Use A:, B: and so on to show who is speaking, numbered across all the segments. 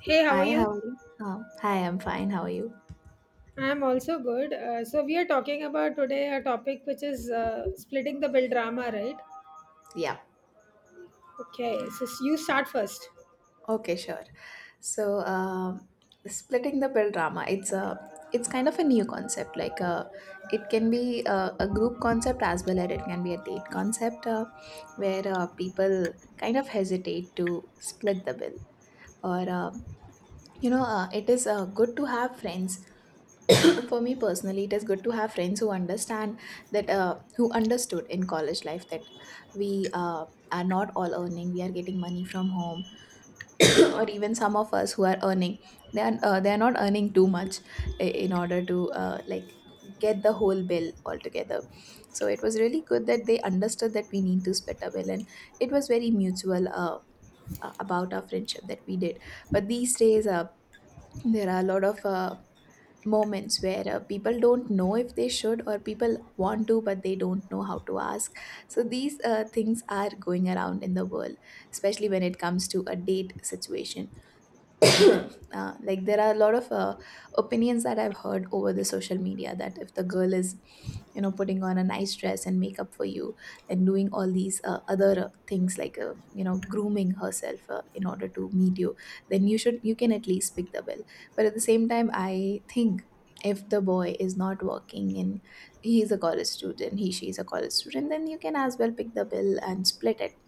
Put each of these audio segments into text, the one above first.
A: Hey, how are
B: Hi, how
A: you?
B: are you? Oh, hi, I'm fine. How are you?
A: I'm also good. So we are talking about today a topic which is splitting the bill drama, right?
B: Yeah.
A: Okay, so you start first.
B: Okay, sure. So, splitting the bill drama, it's a it's kind of a new concept. It can be a group concept as well as it can be a date concept, where people kind of hesitate to split the bill. Or, um it is good to have friends. For me personally, it is good to have friends who understand that who understood in college life that we are not all earning, we are getting money from home. Or even some of us who are earning, they are not earning too much in order to, like, get the whole bill altogether. So it was really good that they understood that we need to split a bill, and it was very mutual, about our friendship that we did. But these days, there are a lot of moments where, people don't know if they should, or people want to but they don't know how to ask. So these, things are going around in the world, especially when it comes to a date situation. Like there are a lot of opinions that I've heard over the social media, that if the girl is, you know, putting on a nice dress and makeup for you and doing all these, other, things, like, you know, grooming herself in order to meet you, then you should you can at least pick the bill. But at the same time, I think if the boy is not working and he is a college student, he she is a college student, then you can as well pick the bill and split it.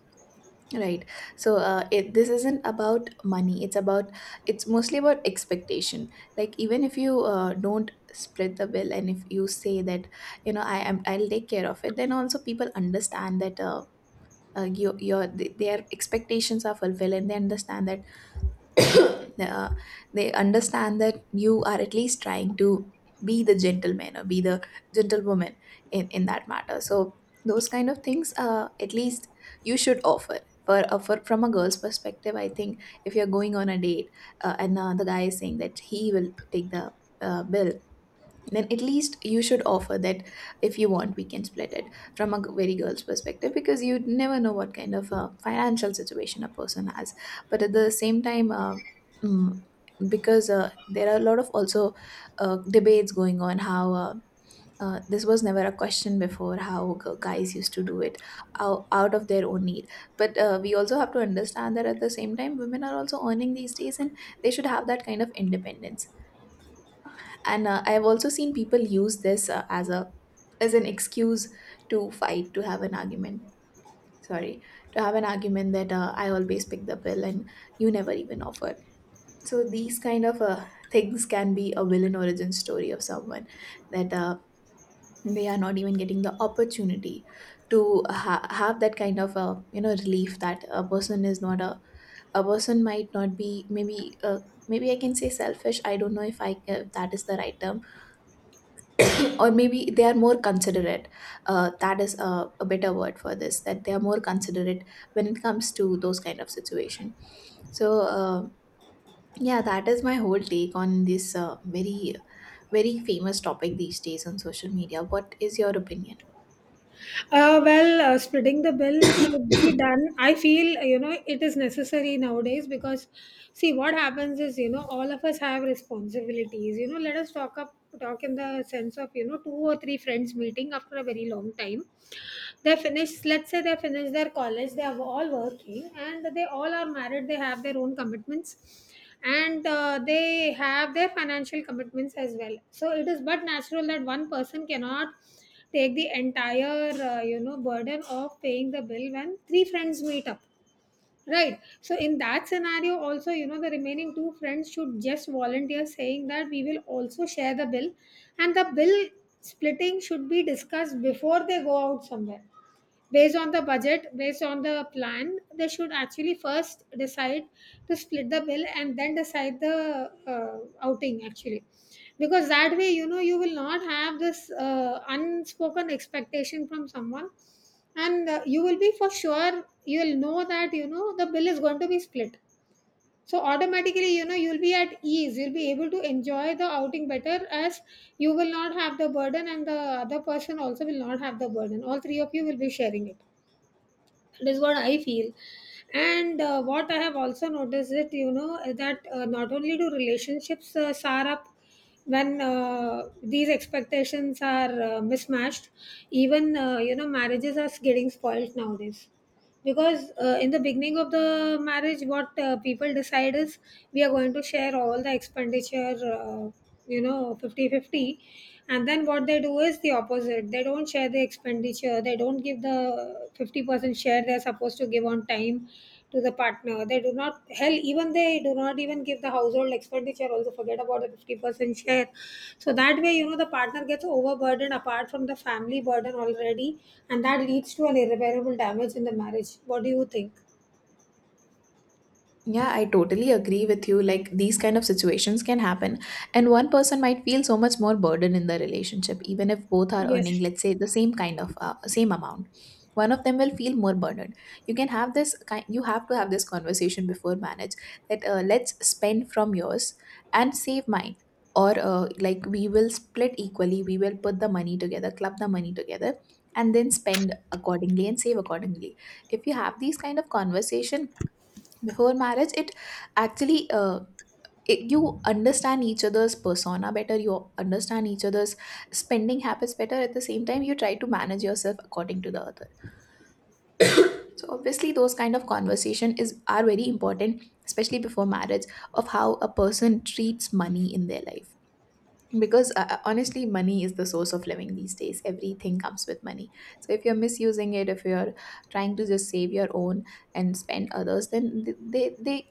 B: Right. So this isn't about money. It's about, it's mostly about expectation. Like, even if you don't split the bill and if you say that, you know, I'll take care of it, then also people understand that their expectations are fulfilled, and they understand that uh, they understand that you are at least trying to be the gentleman or be the gentlewoman in that matter. So those kind of things, at least you should offer. For From a girl's perspective, I think if you're going on a date, and the guy is saying that he will take the bill, then at least you should offer that if you want, we can split it, from a g- very girl's perspective, because you never know what kind of financial situation a person has. But at the same time, mm, because, there are a lot of also debates going on how, this was never a question before, how guys used to do it out of their own need. But, we also have to understand that at the same time, women are also earning these days, and they should have that kind of independence. And, I have also seen people use this, as a as an excuse to fight, to have an argument. Sorry, to have an argument that, I always pick the bill and you never even offered. So these kind of, things can be a villain origin story of someone, that, they are not even getting the opportunity to have that kind of, you know, relief, that a person is not a person might not be, maybe I can say selfish, I don't know if that is the right term. Or maybe they are more considerate, that is a better word for this, that they are more considerate when it comes to those kind of situation. So uh, yeah, that is my whole take on this, very famous topic these days on social media. What is your opinion?
A: Splitting the bill should be done. I feel, you know, it is necessary nowadays because, see, what happens is, you know, all of us have responsibilities. You know, let us talk up, talk in the sense of, you know, two or three friends meeting after a very long time. They finish, let's say they finish their college, they are all working and they all are married, they have their own commitments, and they have their financial commitments as well, so it is but natural that one person cannot take the entire you know burden of paying the bill when three friends meet up. Right. So in that scenario, also, you know, the remaining two friends should just volunteer saying that we will also share the bill, and the bill splitting should be discussed before they go out somewhere. Based on the budget, based on the plan, they should actually first decide to split the bill and then decide the outing actually. Because that way, you know, you will not have this unspoken expectation from someone, and you will be, for sure you'll know that, you know, the bill is going to be split, so automatically you know you'll be at ease, you'll be able to enjoy the outing better, as you will not have the burden and the other person also will not have the burden, all three of you will be sharing it. That is what I feel. And what I have also noticed, that you know that not only do relationships sour up when these expectations are mismatched, even you know marriages are getting spoiled nowadays, because in the beginning of the marriage what people decide is we are going to share all the expenditure, you know, 50-50, and then what they do is the opposite, they don't share the expenditure, they don't give the 50% share they're supposed to give on time to the partner. They do not hell even they do not even give the household expenditure. Also forget about the 50% share. So that way, you know, the partner gets overburdened apart from the family burden already, and that leads to an irreparable damage in the marriage. What do you think?
B: Yeah, I totally agree with you. Like, these kind of situations can happen, and one person might feel so much more burden in the relationship, even if both are earning,
A: Yes.
B: let's say, the same kind of, same amount. One of them will feel more burdened. You can have this kind. You have to have this conversation before marriage, that, let's spend from yours and save mine, or, like, we will split equally. We will put the money together, club the money together, and then spend accordingly and save accordingly. If you have these kind of conversation before marriage, it actually, you understand each other's persona better, you understand each other's spending habits better. At the same time, you try to manage yourself according to the other. So obviously, those kind of conversation is are very important, especially before marriage, of how a person treats money in their life. Because, honestly, money is the source of living these days. Everything comes with money. So if you're misusing it, if you're trying to just save your own and spend others, then they,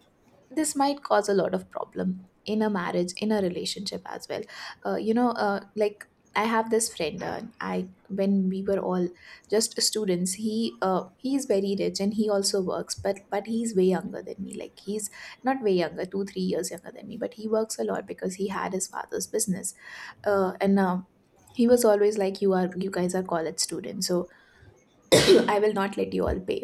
B: this might cause a lot of problem in a marriage, in a relationship as well. Uh, you know uh, like i have this friend, I when we were all just students, he's very rich and he also works, but he's way younger than me. Like, he's not way younger, 2 3 years younger than me, but he works a lot because he had his father's business. And he was always like, you guys are college students, so I will not let you all pay.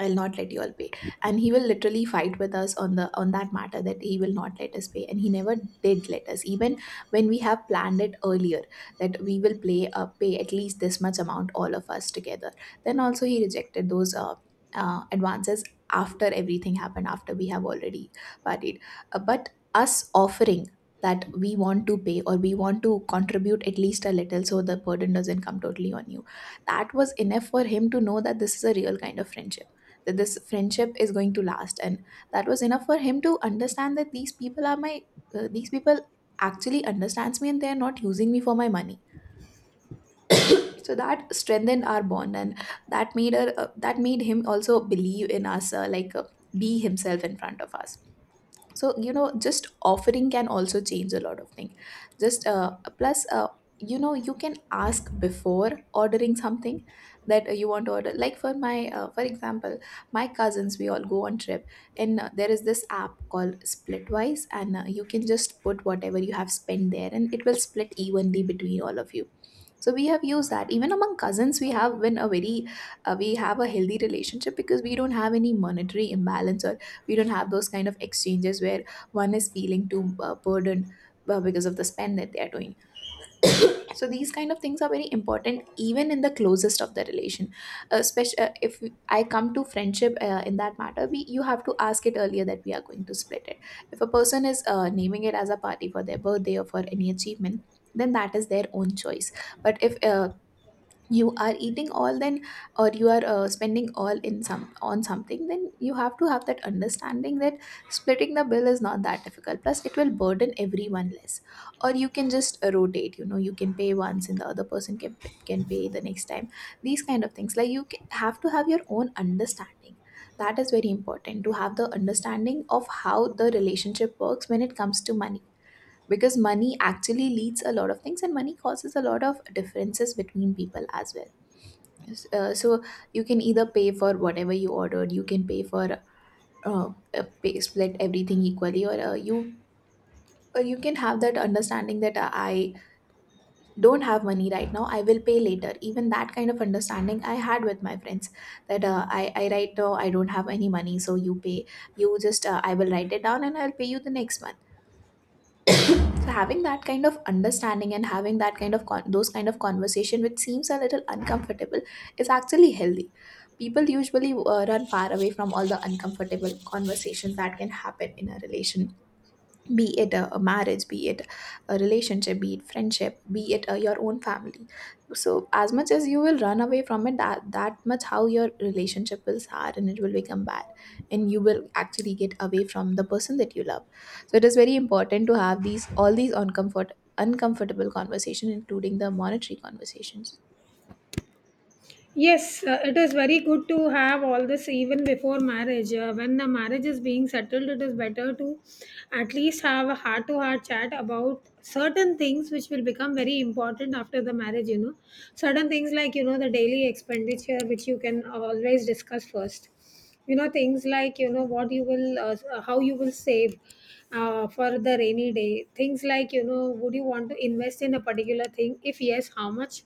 B: I'll not let you all pay. And he will literally fight with us on the on that matter, that he will not let us pay. And he never did let us. Even when we have planned it earlier that we will play pay at least this much amount, all of us together, then also he rejected those, advances, after everything happened, after we have already partied. But us offering that we want to pay or we want to contribute at least a little, so the burden doesn't come totally on you. That was enough for him to know that this is a real kind of friendship, that this friendship is going to last, and that was enough for him to understand that these people are my, these people actually understands me and they are not using me for my money. So that strengthened our bond, and that made him also believe in us, be himself in front of us. So, you know, just offering can also change a lot of things. Just plus you know, you can ask before ordering something, that, you want to order. Like, for my, for example, my cousins, we all go on trip, and, there is this app called Splitwise, and, you can just put whatever you have spent there and it will split evenly between all of you. So we have used that. Even among cousins we have been a very, we have a healthy relationship because we don't have any monetary imbalance, or we don't have those kind of exchanges where one is feeling too, burdened, because of the spend that they are doing. So these kind of things are very important even in the closest of the relation, especially, if I come to friendship. In that matter, we you have to ask it earlier that we are going to split it. If a person is, naming it as a party for their birthday or for any achievement, then that is their own choice. But if, you are eating all, then or you are, spending all in some on something, then you have to have that understanding that splitting the bill is not that difficult, plus it will burden everyone less. Or you can just, rotate. You know, you can pay once and the other person can pay the next time. These kind of things, like, you have to have your own understanding. That is very important, to have the understanding of how the relationship works when it comes to money, because money actually leads a lot of things and money causes a lot of differences between people as well. So you can either pay for whatever you ordered, you can pay for, uh, split everything equally, or, you can have that understanding that, I don't have money right now, I will pay later. Even that kind of understanding I had with my friends, that, I right now I don't have any money, so you pay. You just, I will write it down And I'll pay you the next month. So having that kind of understanding and having that kind of those kind of conversation, which seems a little uncomfortable, is actually healthy. People usually run far away from all the uncomfortable conversations that can happen in a relation, be it a marriage, be it a relationship, be it friendship, be it your own family. So as much as you will run away from it, that much how your relationship will sour and it will become bad, and you will actually get away from the person that you love. So it is very important to have these all these uncomfortable conversation, including the monetary conversations.
A: Yes, it is very good to have all this even before marriage. When the marriage is being settled, it is better to at least have a heart to heart chat about certain things which will become very important after the marriage, you know. Certain things like, you know, the daily expenditure which you can always discuss first, you know, things like, you know, what you will, how you will save for the rainy day, things like, you know, would you want to invest in a particular thing, if yes how much,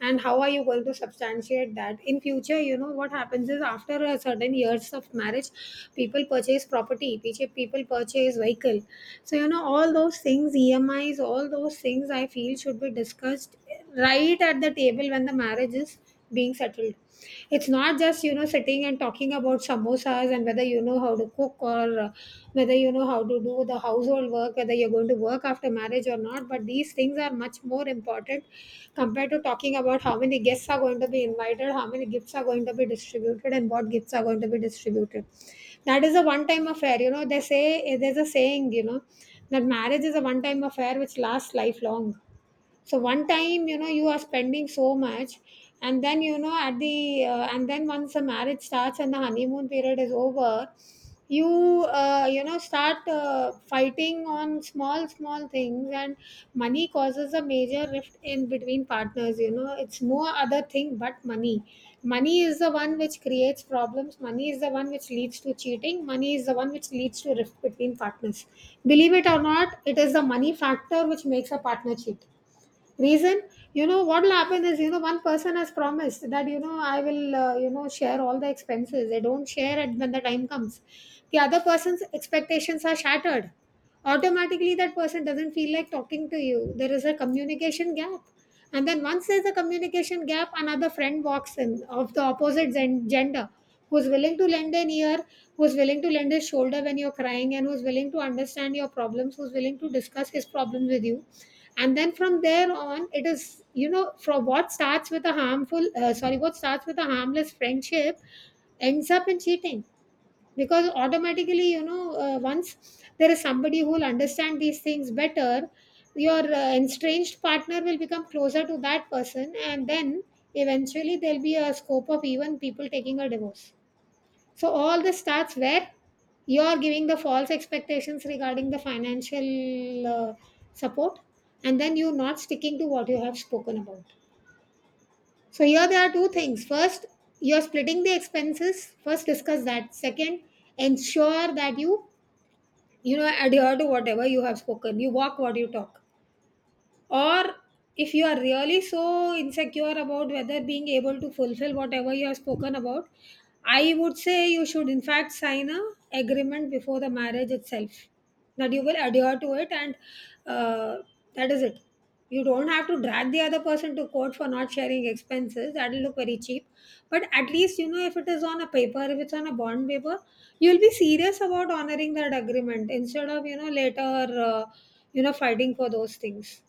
A: and how are you going to substantiate that in future. You know what happens is, after a certain years of marriage people purchase property, people purchase vehicle, so you know all those things, EMIs, all those things I feel should be discussed right at the table when the marriage is being settled. It's not just, you know, sitting and talking about samosas and whether you know how to cook, or whether you know how to do the household work, whether you're going to work after marriage or not, but these things are much more important compared to talking about how many guests are going to be invited, how many gifts are going to be distributed, and what gifts are going to be distributed. That is a one time affair. You know, they say, there's a saying, you know, that marriage is a one time affair which lasts lifelong. So one time, you know, you are spending so much, and then, you know, at the and then once the marriage starts and the honeymoon period is over, you know start fighting on small small things, and money causes a major rift in between partners, you know, it's no other thing but money. Money is the one which creates problems, money is the one which leads to cheating, money is the one which leads to rift between partners. Believe it or not, it is the money factor which makes a partner cheat. Reason, you know, what will happen is, you know, one person has promised that, you know, I will, you know, share all the expenses. They don't share it when the time comes. The other person's expectations are shattered. Automatically, that person doesn't feel like talking to you. There is a communication gap. And then once there's a communication gap, another friend walks in of the opposite gender, who's willing to lend an ear, who's willing to lend his shoulder when you're crying, and who's willing to understand your problems, who's willing to discuss his problems with you. And then from there on, it is, you know, from what starts with a harmless friendship, ends up in cheating, because automatically, you know, once there is somebody who will understand these things better, your estranged partner will become closer to that person, and then eventually there'll be a scope of even people taking a divorce. So all this starts where you are giving the false expectations regarding the financial support, and then you not sticking to what you have spoken about. So here there are two things. First, you're splitting the expenses. First, discuss that. Second, ensure that you know adhere to whatever you have spoken. You walk what you talk, or, if you are really so insecure about whether being able to fulfill whatever you have spoken about, I would say you should in fact sign a agreement before the marriage itself, that you will adhere to it, and uh, that is it. You don't have to drag the other person to court for not sharing expenses, that will look very cheap, but at least, you know, if it is on a paper, if it's on a bond paper, you'll be serious about honoring that agreement, instead of, you know, later you know fighting for those things.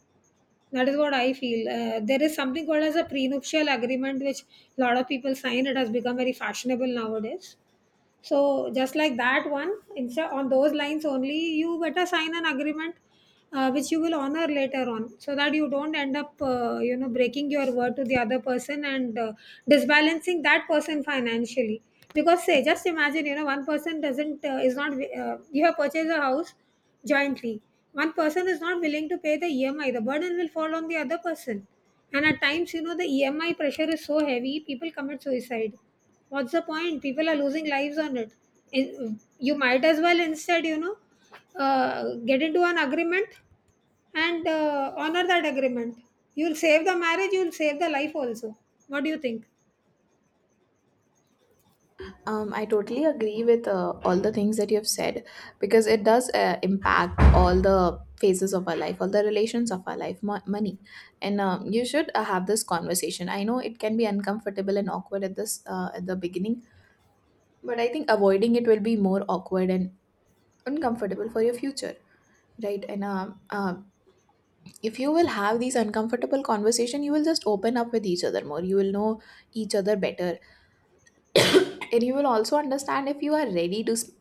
A: That is what I feel. There is something called as a prenuptial agreement, which a lot of people sign. It has become very fashionable nowadays, so just like that one, instead, on those lines only, you better sign an agreement, which you will honor later on, so that you don't end up you know breaking your word to the other person, and disbalancing that person financially. Because say, just imagine, you know, one person doesn't, is not, you have purchased a house jointly, one person is not willing to pay the EMI, the burden will fall on the other person. And at times, you know, the EMI pressure is so heavy, people commit suicide. What's the point, people are losing lives on it. In- you might as well, instead, you know, get into an agreement and honor that agreement. You'll save the marriage, you'll save the life also. What do you think?
B: I totally agree with all the things that you have said, because it does impact all the phases of our life, all the relations of our life, money. And you should have this conversation. I know it can be uncomfortable and awkward at this at the beginning, but I think avoiding it will be more awkward and uncomfortable for your future, right? And if you will have these uncomfortable conversation, you will just open up with each other more. You will know each other better, and you will also understand if you are ready to.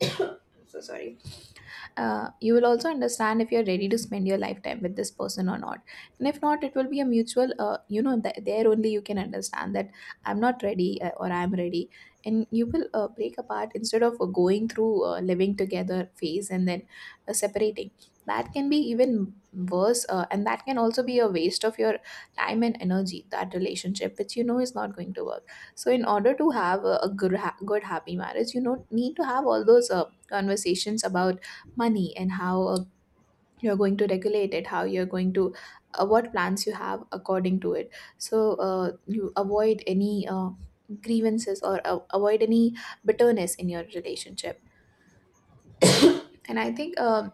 B: So sorry. You will also understand if you're ready to spend your lifetime with this person or not. And if not, it will be a mutual, you know, there only you can understand that I'm not ready or I'm ready, and you will break apart instead of going through living together phase and then separating. That can be even worse, and that can also be a waste of your time and energy, that relationship which you know is not going to work. So in order to have a good good happy marriage, you know, need to have all those conversations about money, and how you're going to regulate it, how you're going to, what plans you have according to it. So you avoid any grievances, or avoid any bitterness in your relationship. And I think, uh,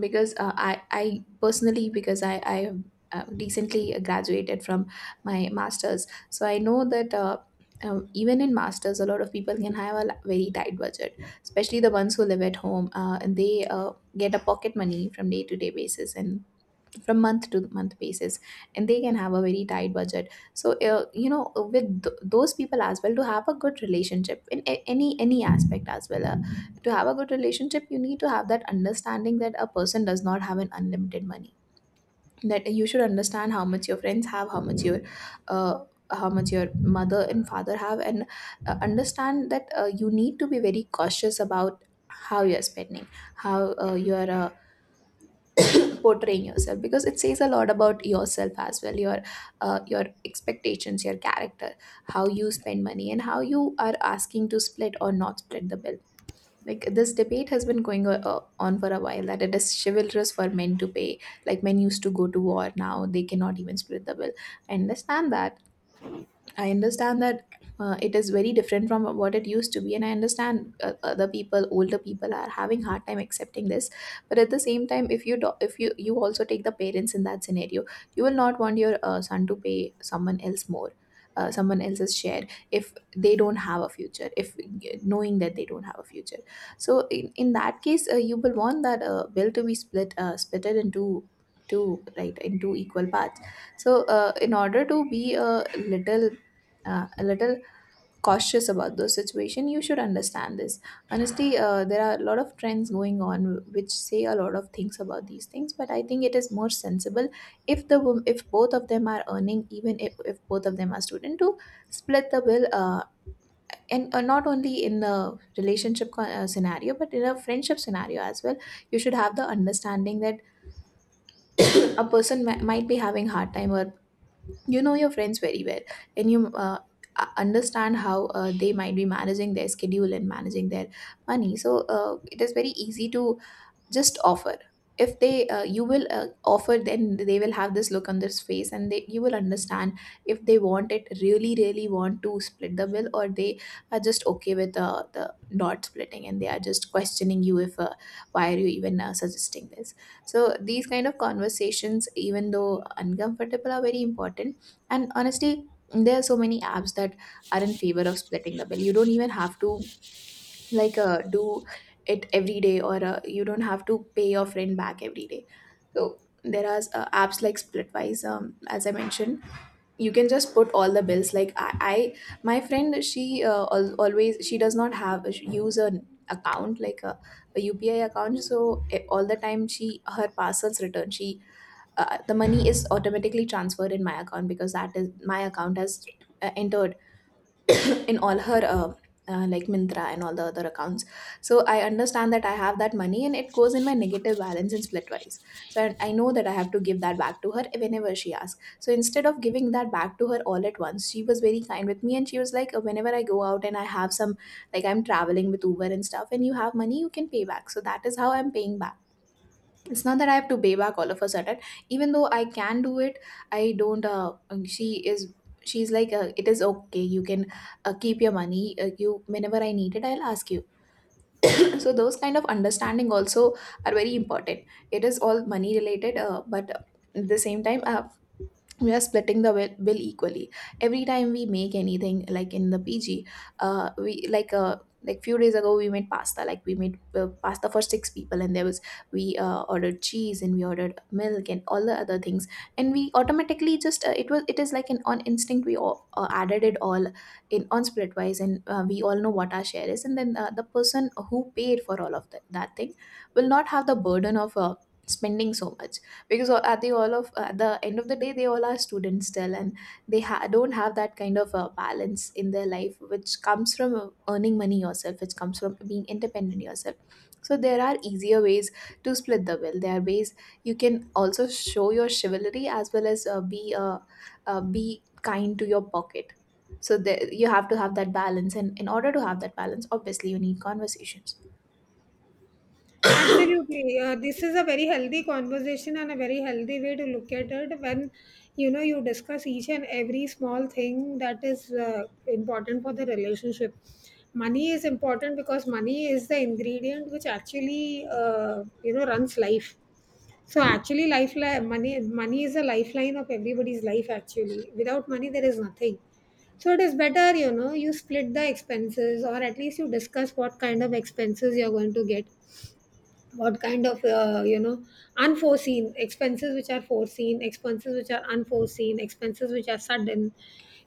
B: because uh, i i personally, because I have recently graduated from my masters, so I know that, even in masters, a lot of people can have a very tight budget, especially the ones who live at home, and they get a pocket money from day to day basis and from month to month basis, and they can have a very tight budget. So you know, with those people as well, to have a good relationship in any aspect as well, to have a good relationship, you need to have that understanding that a person does not have an unlimited money, that you should understand how much your friends have, uh, how much your mother and father have, and understand that you need to be very cautious about how you're spending, how you're portraying yourself, because it says a lot about yourself as well, your expectations, your character, how you spend money, and how you are asking to split or not split the bill. Like, this debate has been going on for a while, that it is chivalrous for men to pay. Like, men used to go to war, now they cannot even split the bill. i understand that I understand that it is very different from what it used to be, and I understand other people, older people, are having hard time accepting this. But at the same time, if you do, if you also take the parents in that scenario, you will not want your son to pay someone else more, someone else's share if they don't have a future, if knowing that they don't have a future. So in that case, you will want that bill to be split, splitted into two, right? Into equal parts. So, in order to be a little cautious about those situation, you should understand this. Honestly, there are a lot of trends going on which say a lot of things about these things, but I think it is more sensible, if the if both of them are earning, even if both of them are student, to split the bill, and not only in the relationship scenario, but in a friendship scenario as well. You should have the understanding that a person might be having hard time, or you know your friends very well. And you, understand how they might be managing their schedule and managing their money. So it is very easy to just offer. If they, you will offer, then they will have this look on their face, and they, you will understand if they want it really really want to split the bill, or they are just okay with the not splitting, and they are just questioning you, if why are you even suggesting this. So these kind of conversations, even though uncomfortable, are very important. And honestly, there are so many apps that are in favor of splitting the bill. You don't even have to, like, do it every day, or you don't have to pay your friend back every day. So there are apps like Splitwise, as I mentioned. You can just put all the bills. I, my friend, she always, she does not have, she use an account like a UPI account. So all the time, she, her parcels return, she, the money is automatically transferred in my account, because that is my account has entered in all her like Mintra and all the other accounts. So I understand that I have that money, and it goes in my negative balance in Splitwise. So I know that I have to give that back to her whenever she asks. So instead of giving that back to her all at once, she was very kind with me, and she was like, whenever I go out and I have some, like I'm traveling with Uber and stuff, and you have money, you can pay back. So that is how I'm paying back. It's not that I have to pay back all of a sudden. Even though I can do it, I don't. She is, she's like, it is okay, you can keep your money. You, whenever I need it, I'll ask you. So those kind of understanding also are very important. It is all money related, but at the same time, we are splitting the bill equally every time we make anything, like in the PG. We like Like few days ago, we made pasta, like we made pasta for six people, and there was, we ordered cheese, and we ordered milk and all the other things, and we automatically just, it was, it is like an on instinct, we all added it all in on Splitwise, and we all know what our share is, and then the person who paid for all of that, thing will not have the burden of spending so much, because at the all of at the end of the day, they all are students still, and they don't have that kind of balance in their life, which comes from earning money yourself, which comes from being independent yourself. So there are easier ways to split the bill. There are ways you can also show your chivalry, as well as be kind to your pocket. So there, you have to have that balance, and in order to have that balance, obviously you need conversations.
A: Absolutely. This is a very healthy conversation and a very healthy way to look at it, when you know, you discuss each and every small thing that is important for the relationship. Money is important because money is the ingredient which actually you know runs life. So actually, money is a lifeline of everybody's life. Actually, without money, there is nothing. So it is better, you know, you split the expenses, or at least you discuss what kind of expenses you're going to get, what kind of you know, unforeseen expenses, which are foreseen expenses, which are unforeseen expenses, which are sudden.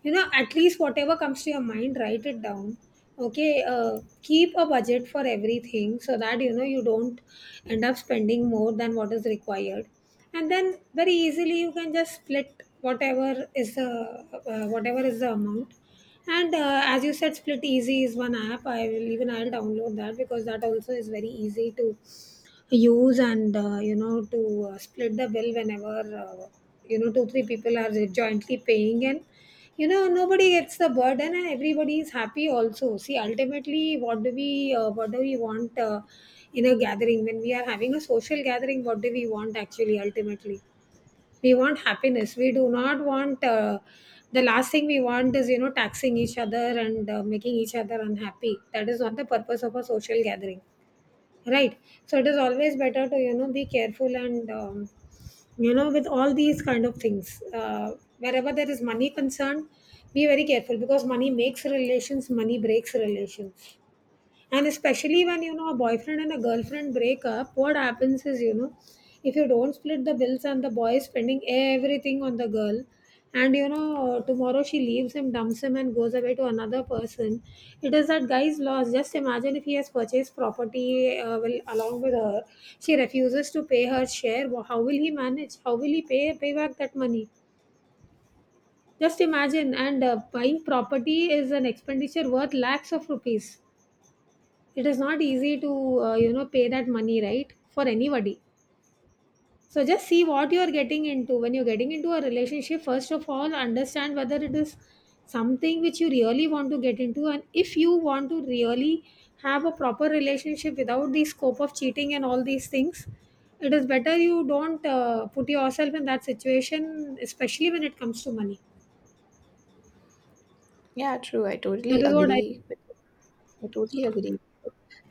A: You know, at least whatever comes to your mind, write it down. Okay, keep a budget for everything so that you know you don't end up spending more than what is required. And then very easily you can just split whatever is the amount. And as you said, Split Easy is one app. I will even, I'll download that, because that also is very easy to use. And you know, to split the bill whenever, you know, 2 3 people are jointly paying, and you know, nobody gets the burden and everybody is happy. Also, see, ultimately, what do we want, in a gathering, when we are having a social gathering, what do we want actually? Ultimately, we want happiness. We do not want, the last thing we want is, you know, taxing each other and making each other unhappy. That is not the purpose of a social gathering, right? So it is always better to, you know, be careful, and you know, with all these kind of things, wherever there is money concerned, be very careful, because money makes relations, money breaks relations. And especially when, you know, a boyfriend and a girlfriend break up, what happens is, you know, if you don't split the bills and the boy is spending everything on the girl, and you know, tomorrow she leaves him, dumps him, and goes away to another person, it is that guy's loss. Just imagine, if he has purchased property will, along with her, she refuses to pay her share. How will he manage? How will he pay back that money? Just imagine. And buying property is an expenditure worth lakhs of rupees. It is not easy to you know, pay that money, right, for anybody. So just see what you are getting into. When you're getting into a relationship, first of all, understand whether it is something which you really want to get into. And if you want to really have a proper relationship without the scope of cheating and all these things, it is better you don't put yourself in that situation, especially when it comes to money.
B: Yeah, true. I totally
A: That is what I.
B: agree. With I totally agree.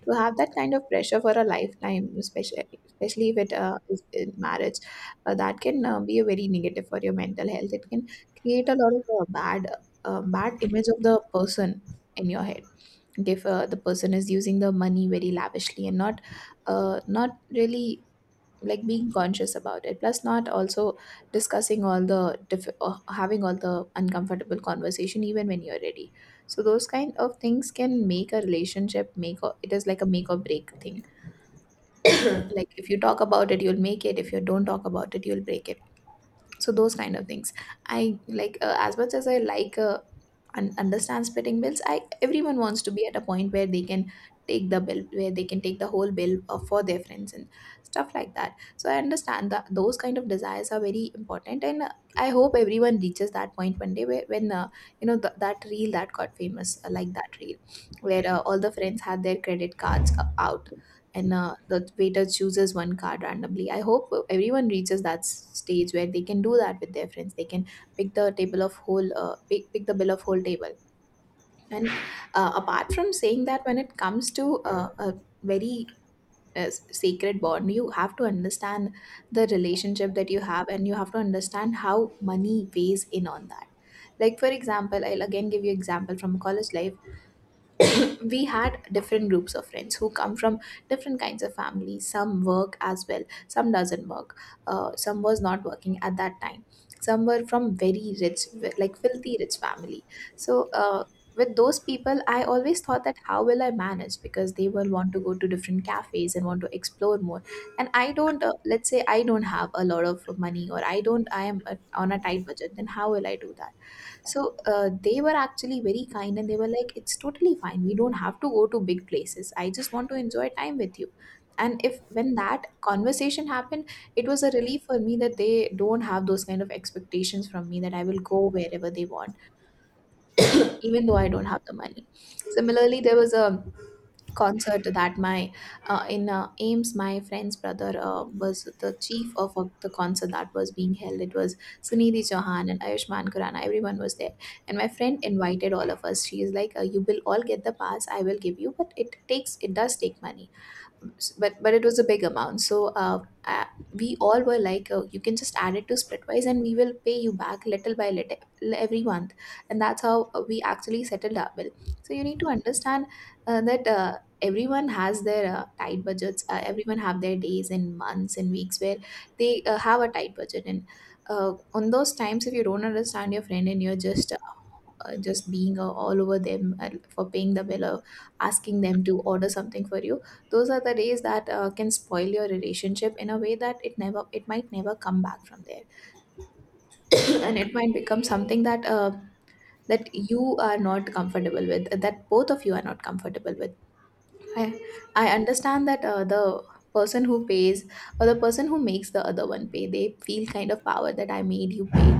B: To have that kind of pressure for a lifetime, especially if it is in marriage, that can be a very negative for your mental health. It can create a lot of bad image of the person in your head. If the person is using the money very lavishly and not really like being conscious about it, plus not also discussing having all the uncomfortable conversation even when you're ready, so those kind of things can make a relationship make or it is like a make or break thing. Like if you talk about it, you'll make it; if you don't talk about it, you'll break it. So those kind of things, I like as much as I understand splitting bills, I everyone wants to be at a point where they can take the whole bill for their friends and stuff like that. So I understand that those kind of desires are very important. And I hope everyone reaches that point one day where when you know th- that reel that got famous, like that reel where all the friends had their credit cards out, and the waiter chooses one card randomly. I hope everyone reaches that stage where they can do that with their friends. They can pick the bill of whole table. And Apart from saying that, when it comes to a very sacred bond, you have to understand the relationship that you have, and you have to understand how money weighs in on that. Like for example, I'll again give you example from college life. We had different groups of friends who come from different kinds of families. Some work as well, some doesn't work, some was not working at that time, some were from very rich, like filthy rich family. So with those people I always thought that how will I manage, because they will want to go to different cafes and want to explore more, and I don't let's say I don't have a lot of money, or I don't I am on a tight budget, then how will I do that. So they were actually very kind and they were like, it's totally fine. We don't have to go to big places. I just want to enjoy time with you. And if when that conversation happened, it was a relief for me that they don't have those kind of expectations from me that I will go wherever they want, even though I don't have the money. Similarly, there was a concert that my in Ames, my friend's brother was the chief of the concert that was being held. It was Sunidhi Chauhan and Ayushmann Khurrana. Everyone was there, and my friend invited all of us. She is like, "You will all get the pass. I will give you, but it does take money." But it was a big amount, so we all were like, oh, you can just add it to Splitwise and we will pay you back little by little every month. And that's how we actually settled our bill. So you need to understand that everyone has their tight budgets. Everyone have their days and months and weeks where they have a tight budget, and on those times if you don't understand your friend and you're just being all over them for paying the bill or asking them to order something for you, those are the days that can spoil your relationship in a way that it might never come back from there. And it might become something that you are not comfortable with, that both of you are not comfortable with. I I understand that the person who pays or the person who makes the other one pay, they feel kind of power that I made you pay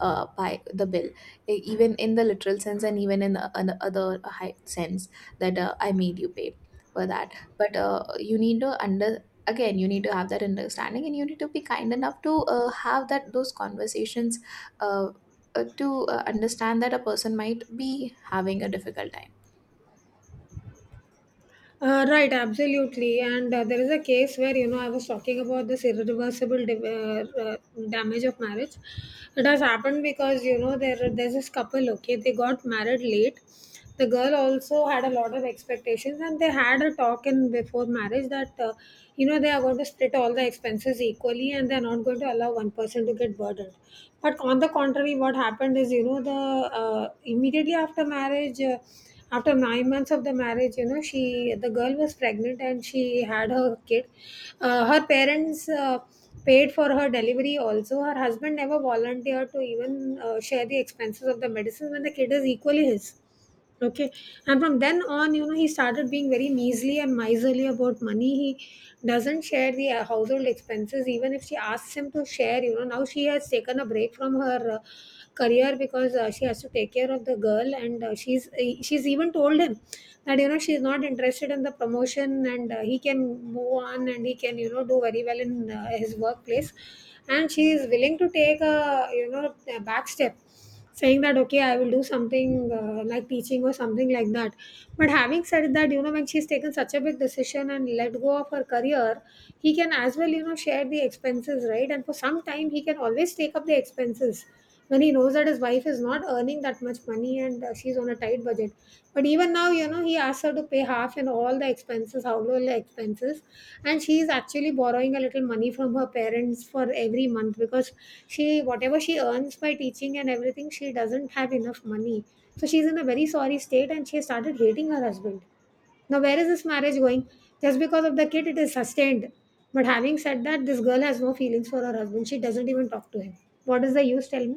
B: by the bill, even in the literal sense and even in the other high sense, that I made you pay for that. But you need to under again, you need to have that understanding and you need to be kind enough to have that those conversations, uh, to understand that a person might be having a difficult time.
A: Right, absolutely. And there is a case where, you know, I was talking about this irreversible div damage of marriage. It has happened because, you know, there's this couple, okay, they got married late. The girl also had a lot of expectations, and they had a talk in before marriage that, you know, they are going to split all the expenses equally, and they're not going to allow one person to get burdened. But on the contrary, what happened is, you know, the immediately after marriage, after 9 months of the marriage, you know, she the girl was pregnant and she had her kid. Her parents paid for her delivery also. Her husband never volunteered to even share the expenses of the medicine, when the kid is equally his. Okay. And from then on, you know, he started being very measly and miserly about money. He doesn't share the household expenses even if she asks him to share. You know, now she has taken a break from her career, because she has to take care of the girl. And she's even told him that, you know, she's not interested in the promotion, and he can move on and he can, you know, do very well in his workplace, and she is willing to take a, you know, a back step, saying that, okay, I will do something like teaching or something like that. But having said that, you know, when she's taken such a big decision and let go of her career, he can as well, you know, share the expenses, right? And for some time, he can always take up the expenses when he knows that his wife is not earning that much money, and she's on a tight budget. But even now, you know, he asked her to pay half and all the expenses, household expenses. And she is actually borrowing a little money from her parents for every month, because she, whatever she earns by teaching and everything, she doesn't have enough money. So she's in a very sorry state, and she started hating her husband. Now, where is this marriage going? Just because of the kid, it is sustained. But having said that, this girl has no feelings for her husband. She doesn't even talk to him. What is the use? Tell me.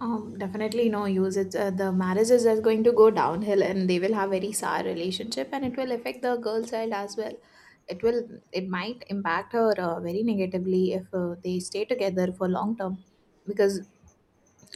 B: Definitely no use. The marriage is just going to go downhill and they will have very sour relationship, and it will affect the girl child as well. It might impact her very negatively if they stay together for long term, because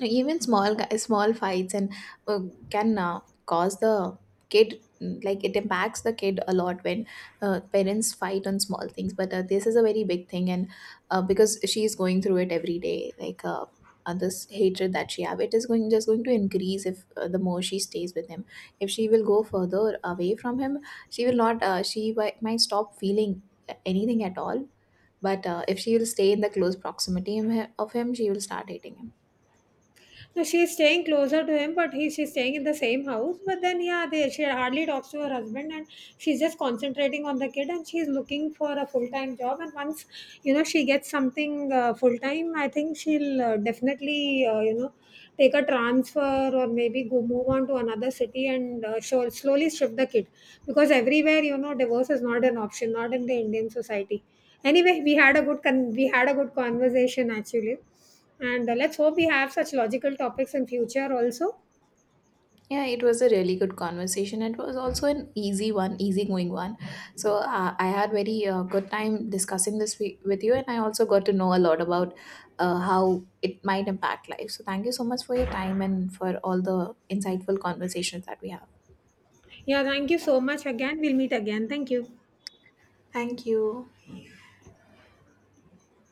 B: even small fights and uh, can cause the kid, it impacts the kid a lot when parents fight on small things. But this is a very big thing, and because she is going through it every day, this hatred that she have, it is going to increase if the more she stays with him. If she will go further away from him, she will not she wi- might stop feeling anything at all. But if she will stay in the close proximity of him, she will start hating him.
A: No, she's staying closer to him, but he she's staying in the same house. But then, yeah, they, she hardly talks to her husband, and she's just concentrating on the kid, and she's looking for a full time job. And once, you know, she gets something full time, I think she'll definitely you know, take a transfer, or maybe go move on to another city, and she'll slowly shift the kid, because everywhere, you know, divorce is not an option, not in the Indian society. Anyway, we had a good conversation actually. And let's hope we have such logical topics in future also.
B: Yeah, it was a really good conversation. It was also an easy one, easygoing one. So I had very good time discussing with you, and I also got to know a lot about how it might impact life. So thank you so much for your time and for all the insightful conversations that we have.
A: Yeah, thank you so much again. We'll meet again. Thank you.
B: Thank you.